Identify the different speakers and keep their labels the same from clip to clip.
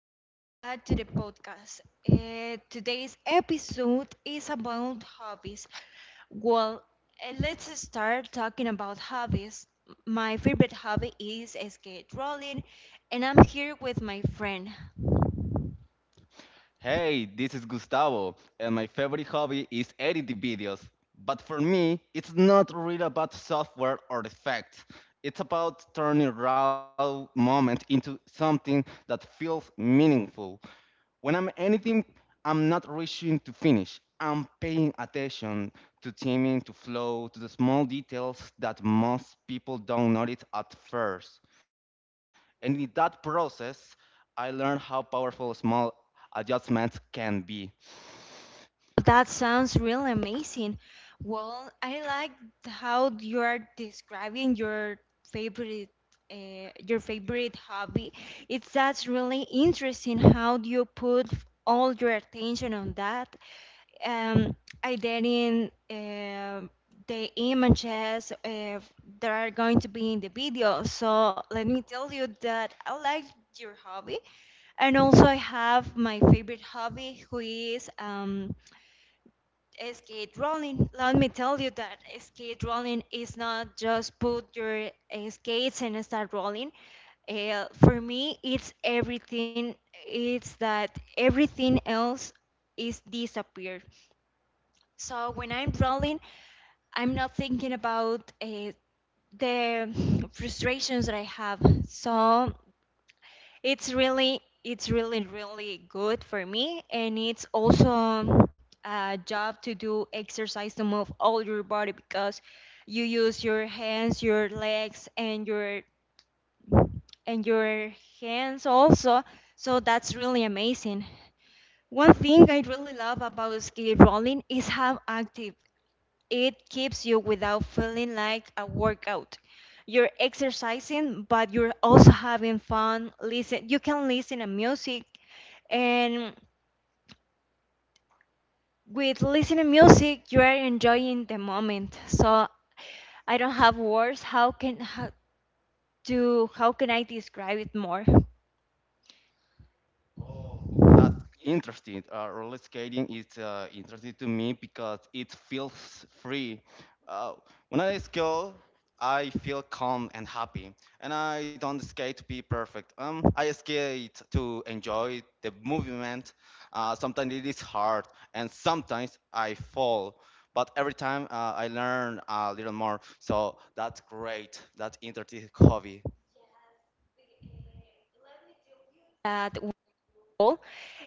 Speaker 1: Welcome back to the podcast. Today's episode is about hobbies. Well, let's start talking about hobbies. My favorite hobby is skate rolling, and I'm here with my friend. That sounds really amazing. Well, I like how you are describing favorite your favorite hobby. It's that's really interesting how you put all your attention on that. Um, Editing the images that are going to be in the video. So let me tell you that I like your hobby, and also I have my favorite hobby, who is SK drawing. Let me tell you that SK drawing is not just put your skates and start rolling. For me, it's everything. It's that everything else is disappeared. So when I'm rolling, I'm not thinking about the frustrations that I have. So it's really, really good for me, and it's also a job to do exercise to move all your body because you use your hands, your legs, and your hands also. So that's really amazing. One thing I really love about skate rolling is how active it keeps you without feeling like a workout. You're exercising, but you're also having fun. Listen, you can listen to music, and with listening music, you are enjoying the moment. So I don't have words. How can I describe it more? That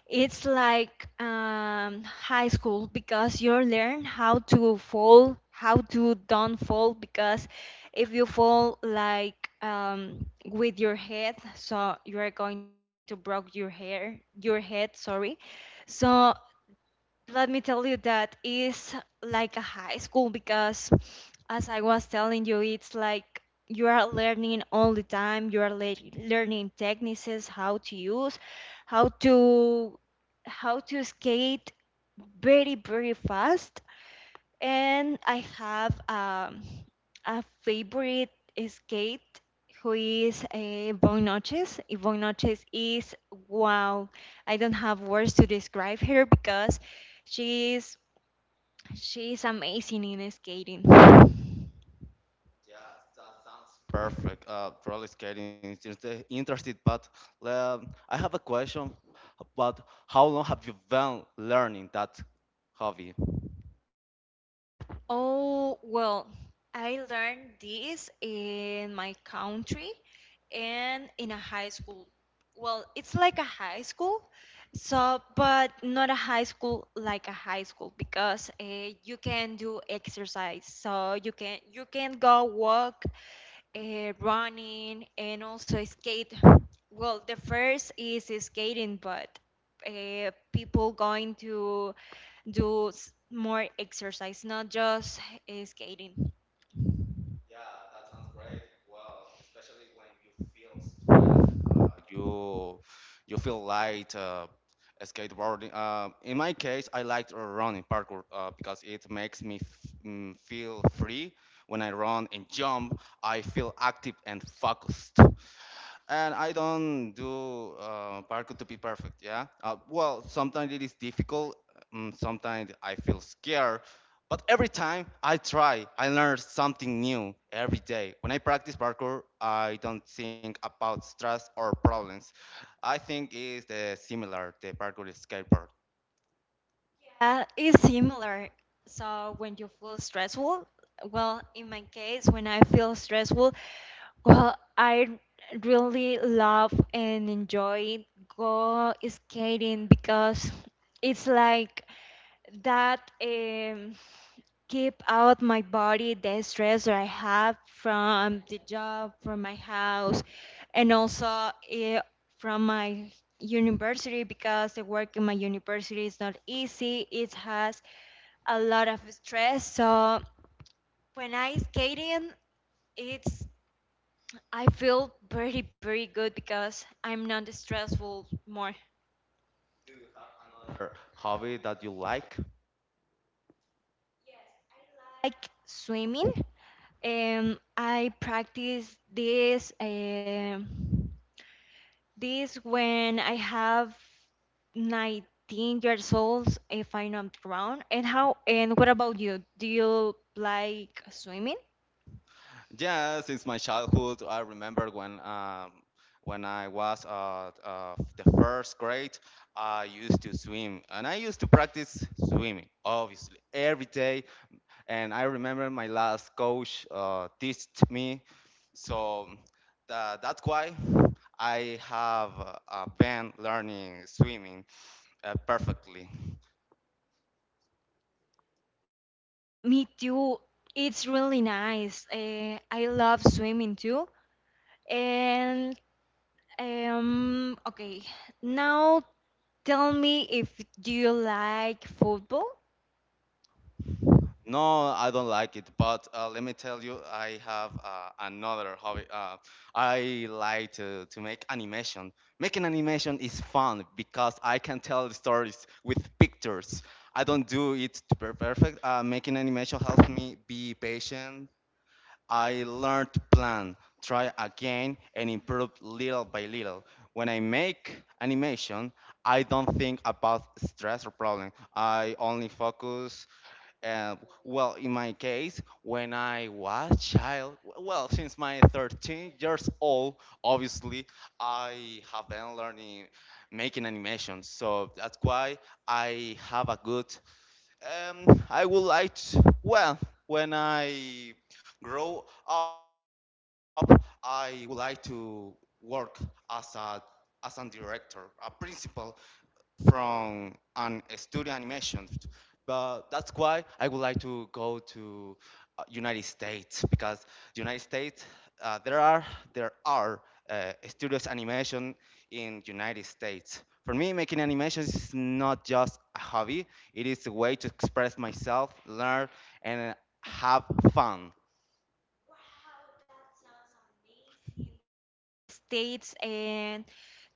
Speaker 1: it's like high school because you learn how to fall, how to don't fall. Because if you fall like with your head, so you are going to broke your hair, your head. Sorry. So let me tell you that is like a high school because, as I was telling you, it's like you are learning all the time. You are le learning techniques, how to use, how to how to skate very very fast, and I have a favorite skate who is Bon Noches. Bon Noches is wow. I don't have words to describe her because she's she's amazing in skating. Oh, well, I learned this in my country and in a high school. Well, it's like a high school, so but not a high school like a high school because you can do exercise. So you can go walk, running, and also skate. Well, the first is skating, but people going to do more exercise, not just skating. That is similar. So when you feel stressful, well, in my case, when I feel stressful, well, I really love and enjoy go skating because it's like that keep out my body the stress that I have from the job, from my house, and also from my university because the work in my university is not easy. It has a lot of stress. So when I skating, it's I feel very, very good because I'm not stressful more. Like swimming, I practice this when I have 19 years old, if I'm not wrong. And how? And what about you? Do you like swimming? Me too. It's really nice. I love swimming too. And okay, now tell me if do you like football states and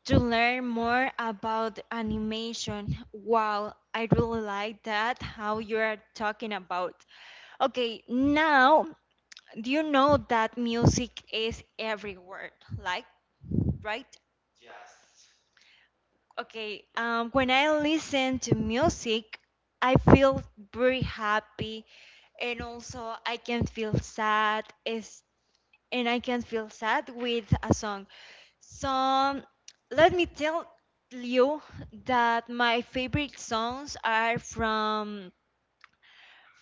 Speaker 1: to learn more about animation. Wow, I really like that how you are talking about. Okay, now do you know that music is everywhere, like right? Okay, when I listen to music, I feel very happy, and also I can feel sad is and I can feel sad with a song. So let me tell you that my favorite songs are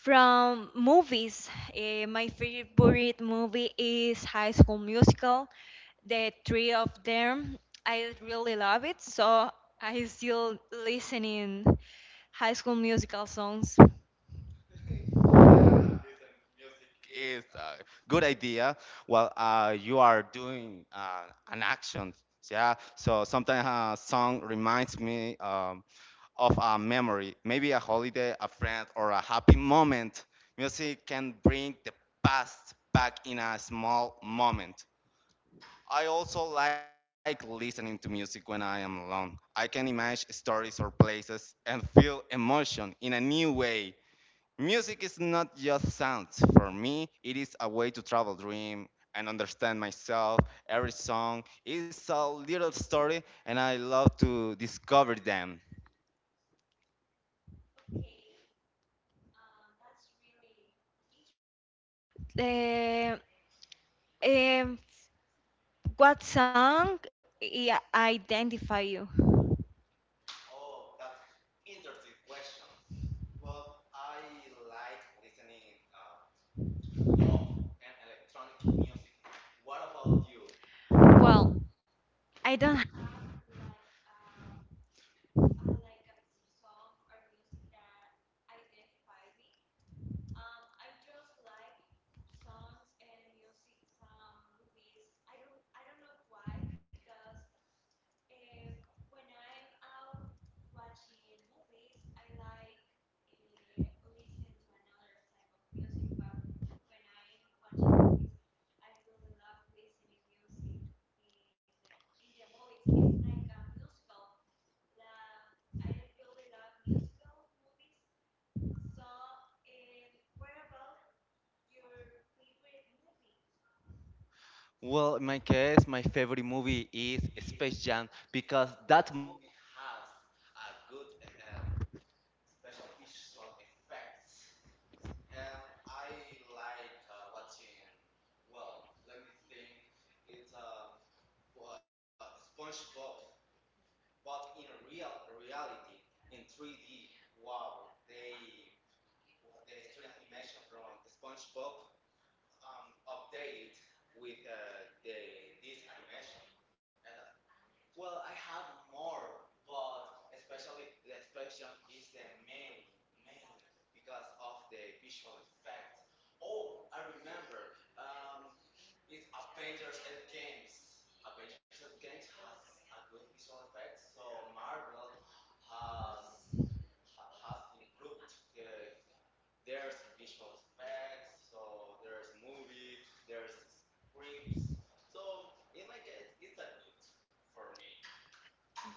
Speaker 1: from movies. My favorite movie is High School Musical. The three of them, I really love it. So I still listening High School Musical songs. Eh, em, what song identify you? Well, I don't.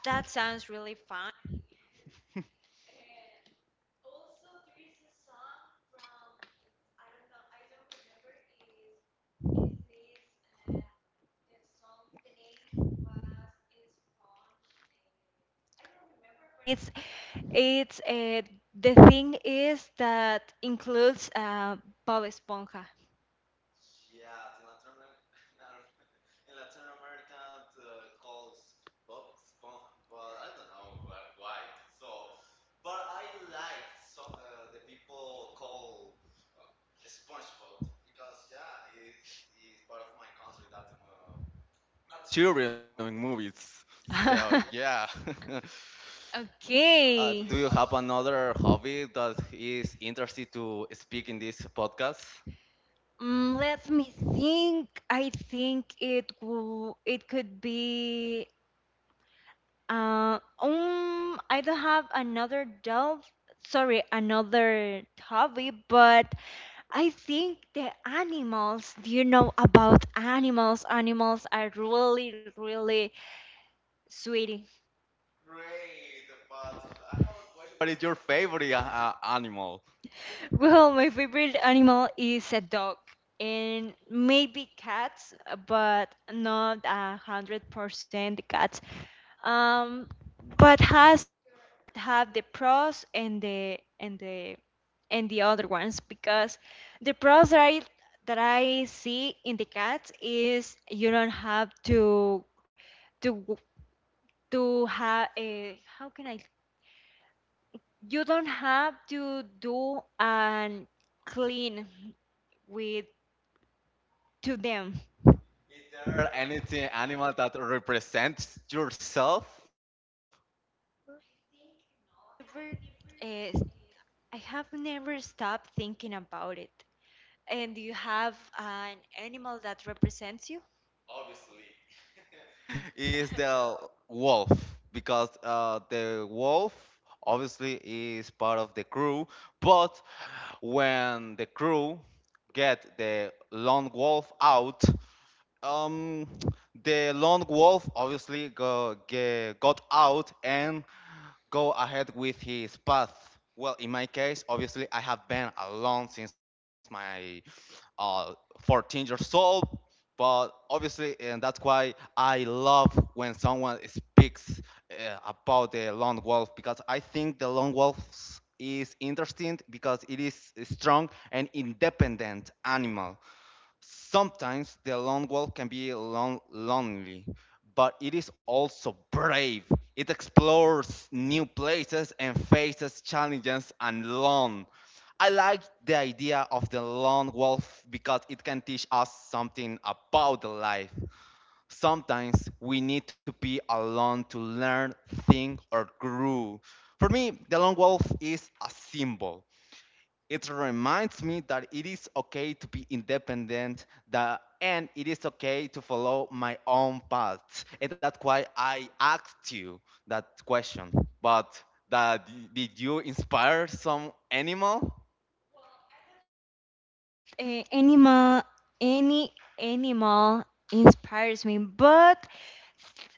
Speaker 1: That sounds really fun. It's it's The thing is that includes Bob Esponja. Okay. Let me think. I think it will, it could be I don't have another job, sorry, another hobby, but I think the animals, do you know about animals? Animals are really, really sweetie. Well, my favorite animal is a dog and maybe cats, but not 100% cats. Um, but has have the pros and the and the other ones because the pros that I see in the cats is you don't have to to have a how can I you don't have to do an clean with to them. Never, uh, I have never stopped thinking about it. And do you have an animal that represents you? Animal, any animal inspires me, but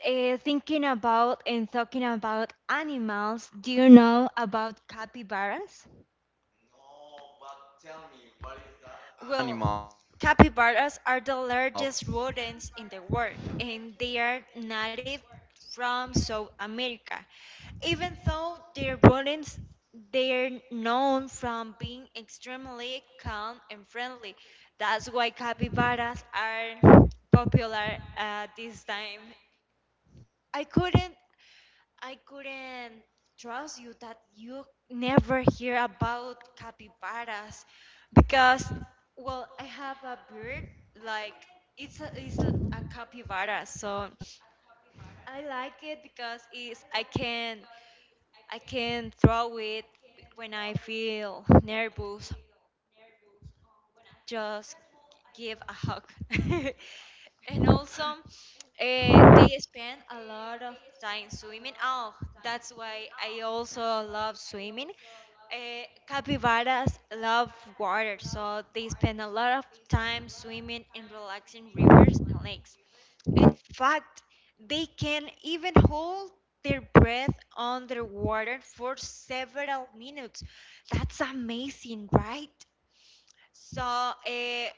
Speaker 1: thinking about and talking about animals, do you know about capybaras? Well, capybaras are the largest rodents in the world, and they are native from South America. Even though they're rodents, they're known from being extremely calm and friendly. That's why capybaras are popular at this time. I couldn't I couldn't trust you that you never hear about capybaras because, well, I have a bird like it's a capybara, so I like it because it's I can throw it when I feel nervous just give a hug. And also, they spend a lot of time swimming. Oh, that's why I also love swimming. Capybaras love water, so they spend a lot of time swimming and relaxing rivers and lakes. In fact, they can even hold their breath underwater for several minutes. That's amazing, right? So,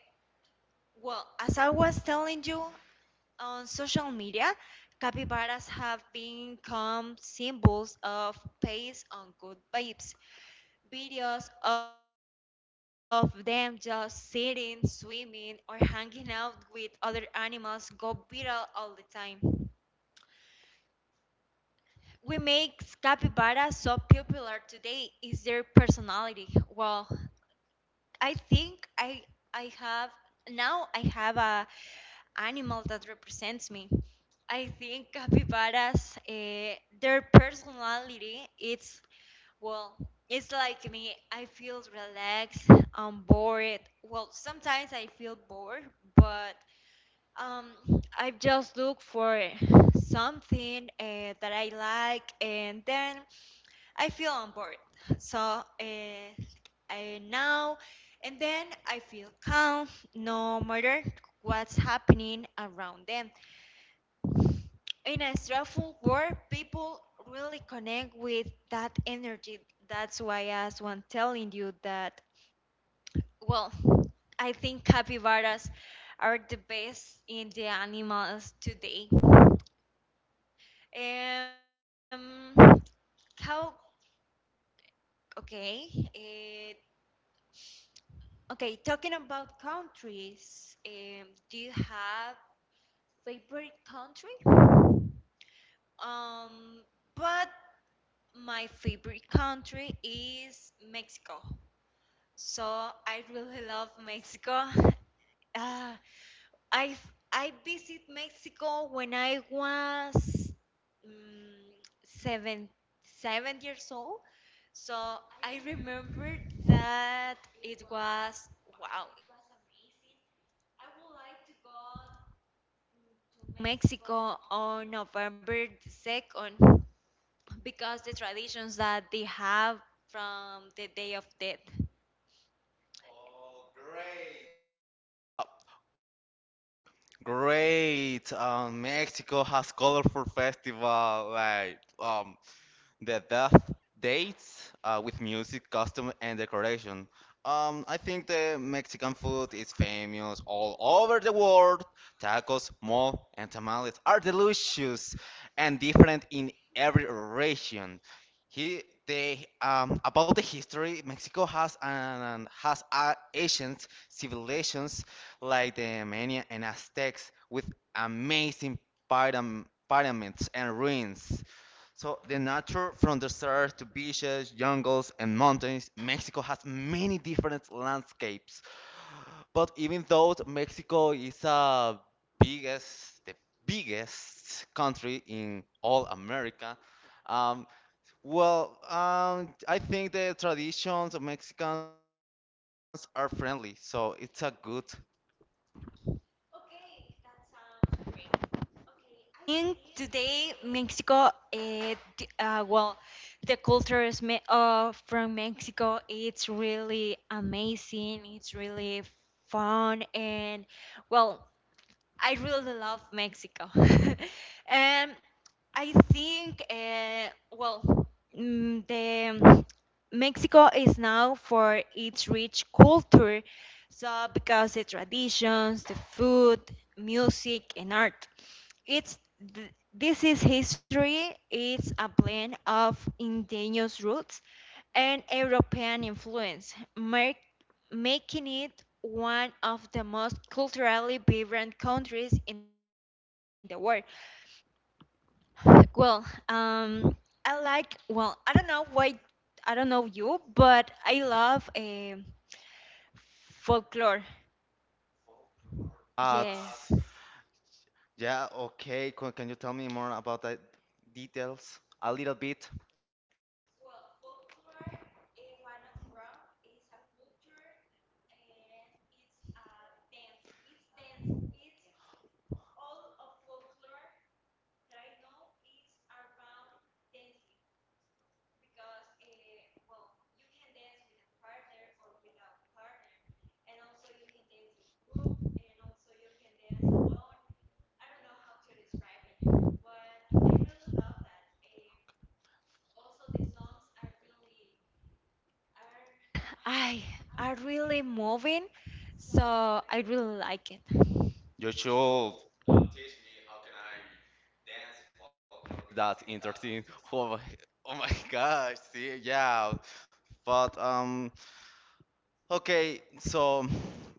Speaker 1: well, as I was telling you on social media, capybaras have become symbols of peace on good vibes. Videos of them just sitting, swimming, or hanging out with other animals go viral all the time. We make capybaras so popular today is their personality. Well, I think I have now I have a animal that represents me. I think capybaras, their personality, it's well, it's like me. I feel relaxed, I'm bored. Well, sometimes I feel bored, but um, I just look for something that I like, and then I feel on board. So I now, and then I feel calm, no matter what's happening around them. In a stressful world, people really connect with that energy. That's why I was one telling you that. Well, I think capybaras are the best in the animals today. Um, how? Okay. Uh, Okay, talking about countries, do you have favorite country? Um, but my favorite country is Mexico. So I really love Mexico. Uh, I I visit Mexico when I was um, seven seven years old. So I remember that it was wow. Mexico on November the 2nd because the traditions that they have from the day of death.
Speaker 2: Great. Mexico has colorful festival like the death dates with music, costume, and decoration. I think the Mexican food is famous all over the world. Tacos, mole, and tamales are delicious and different in every region. About the history, Mexico has an has ancient civilizations like the Maya and Aztecs with amazing pyramids and ruins. So the nature from deserts to beaches, jungles, and mountains, Mexico has many different landscapes. But even though Mexico is the biggest country in all America, um, I think the traditions of Mexicans are friendly, so it's a good.
Speaker 1: In today, Mexico, well, the culture is from Mexico. It's really amazing. It's really fun, and well, I really love Mexico. And I think, well, the Mexico is now for its rich culture, so because the traditions, the food, music, and art. It's this is history. It's a blend of indigenous roots and European influence, making it one of the most culturally vibrant countries in the world. Well, um, I like. Well, I don't know why. I don't know you, but I love folklore.
Speaker 2: But
Speaker 1: Yes,
Speaker 2: yeah, okay. Can you tell me more about the details? A little bit.
Speaker 1: I are really moving, so I really like it.
Speaker 2: You should that interesting. Oh my, oh my gosh, see, yeah. But okay, so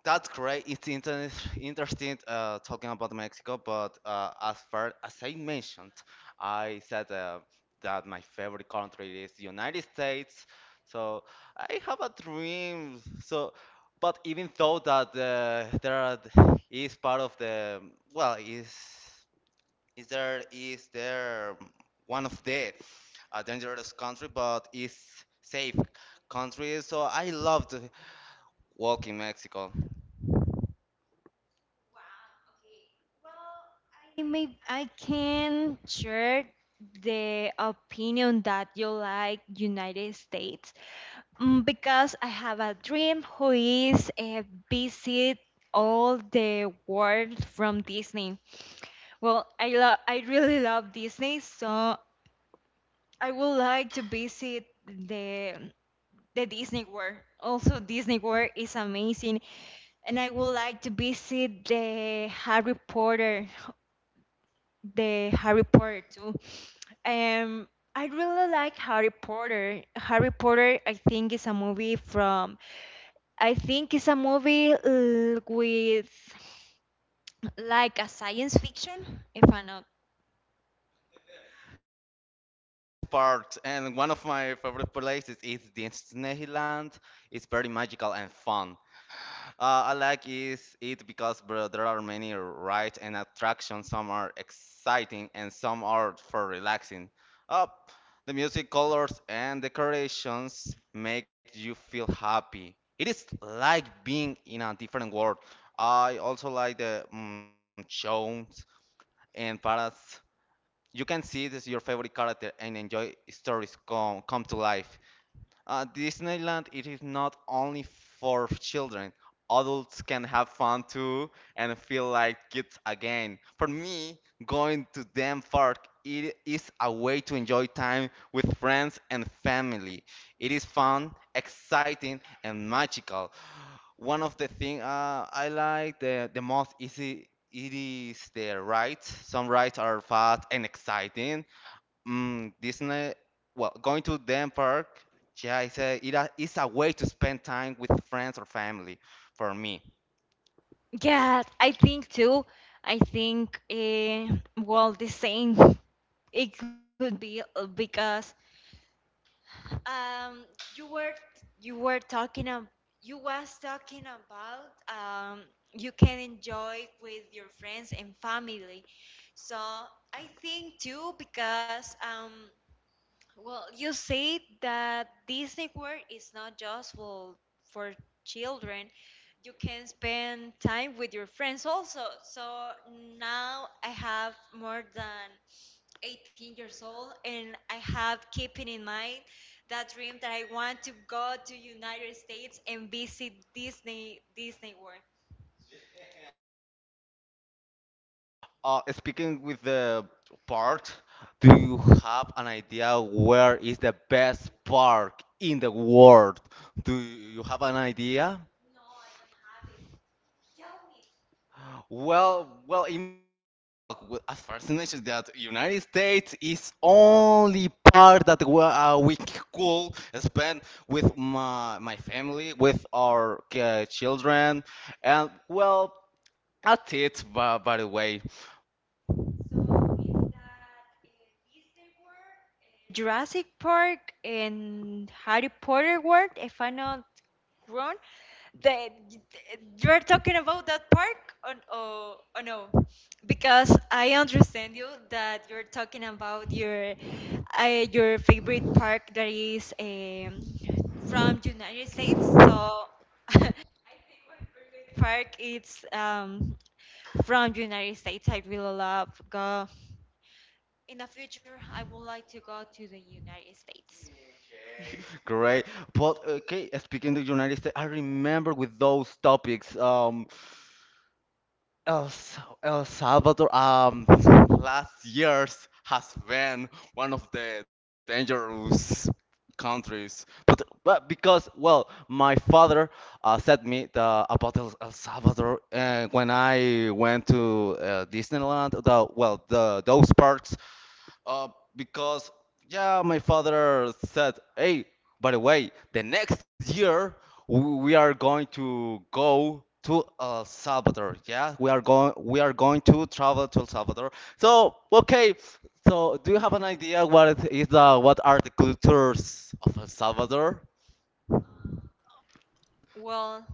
Speaker 2: that's great. It's interesting talking about Mexico, but as far as I mentioned, I said that my favorite country is the United States. So I have a dream. So, but even though that there is part of the well, is there is there one of the a dangerous country, but it's safe country. So I loved walking Mexico.
Speaker 1: I may I can share the opinion that you like United States because I have a dream who is a visit all the world from Disney. Well, I really love Disney, so I would like to visit the Disney World. Also, Disney World is amazing, and I would like to visit the Harry Potter too. Um, I really like Harry Potter. Harry Potter, I think, is a movie from. I think it's a movie with like a science fiction, if I'm not.
Speaker 2: Part and one of my favorite places is Disneyland. It's very magical and fun. I like is it because bro, there are many rides and attractions. Some are exciting and some are for relaxing. Uh, the music, colors, and decorations make you feel happy. It is like being in a different world. I also like the shows and paras. You can see this your favorite character and enjoy stories come to life. Disneyland, it is not only for children. Adults can have fun too and feel like kids again. For me, going to them park it is a way to enjoy time with friends and family. It is fun, exciting, and magical. One of the things I like the most is it is the rides. Some rides are fast and exciting, Disney, well, going to them park, yeah, it's a way to spend time with friends or family for me.
Speaker 1: Yeah, I think too. I think, well, the same. It could be because Um, you were talking ab you was talking about you can enjoy with your friends and family. So I think too because well you said that Disney World is not just for children. You can spend time with your friends also. So now I have more than 18 years old, and I have keeping in mind that dream that I want to go to United States and visit Disney World,
Speaker 2: Speaking with the park, do you have an idea where is the best park in the world? Do you have an idea? Well, well, as far as mentioned that United States is only part that we could spend with my family, with our children, and well, that's it. By the way,
Speaker 1: Jurassic Park, and Harry Potter World, if I'm not wrong. The, you're talking about that park or, or no? Because I understand you that you're talking about your favorite park that is from United States. So park it's from United States. I really love go in the future I would like to go to the United States.
Speaker 2: great. But okay, speaking of the United States, I remember with those topics. El, El Salvador, last years has been one of the dangerous countries, but because well, my father said me the, about El Salvador when I went to Disneyland. The well, the those parks uh, because yeah, my father said, "Hey, by the way, the next year we are going to go to El Salvador. Yeah, we are going to travel to El Salvador. So okay, so do you have an idea what it is the what are the cultures of El Salvador?
Speaker 1: Well,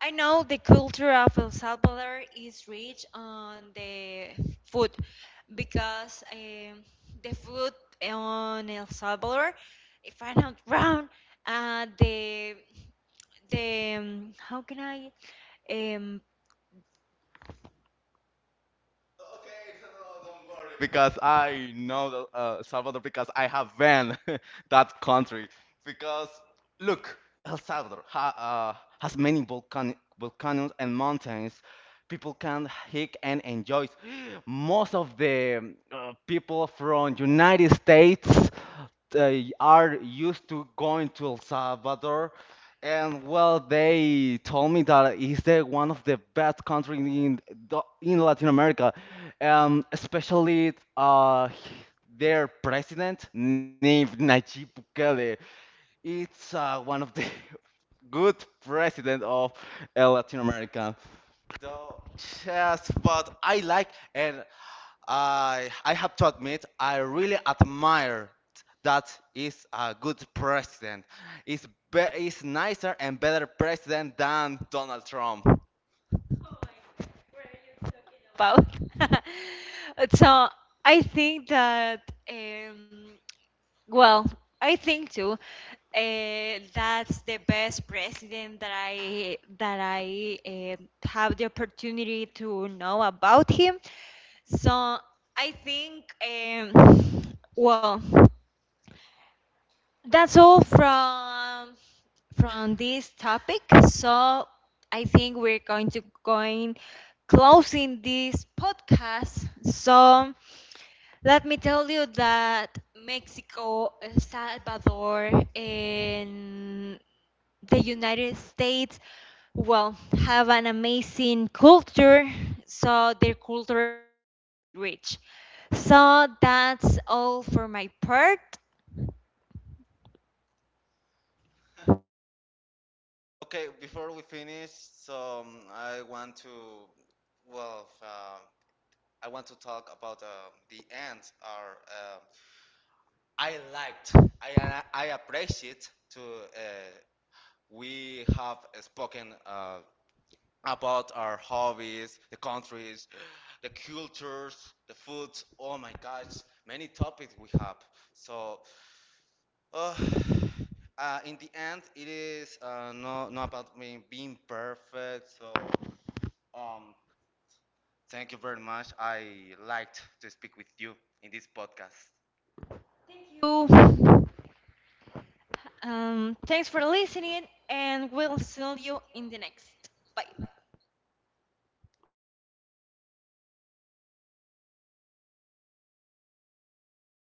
Speaker 1: I know the culture of El Salvador is rich on the food because the food on El Salvador, if I'm not wrong, uh, the the how can I um,
Speaker 2: Because I know that, Salvador because I have been that country. Because look, El Salvador has many volcanoes and mountains. People can hike and enjoy. Most of the people from United States they are used to going to El Salvador and well, they told me that it's the one of the best country in Latin America, especially their president named Nayib Bukele. It's one of the good president of Latin America. So yes, but I like and I have to admit I really admire that is a good president. Is nicer and better president than Donald Trump.
Speaker 1: about. So I think that, um, well, I think too, that's the best president that I have the opportunity to know about him. So I think, well. That's all from this topic. So I think we're going to going closing this podcast. So let me tell you that Mexico, El Salvador, and the United States well have an amazing culture, so their culture is very rich, so that's all for my part.
Speaker 2: Okay, before we finish, so I want to well, I want to talk about the end. Or I liked, I appreciate to we have spoken about our hobbies, the countries, the cultures, the foods. Oh my gosh, many topics we have. So, uh, in the end, it is not, not about me being perfect. So, um, thank you very much. I liked to speak with you in this podcast.
Speaker 1: Thank you. Thanks for listening, and we'll see you in the next. Bye.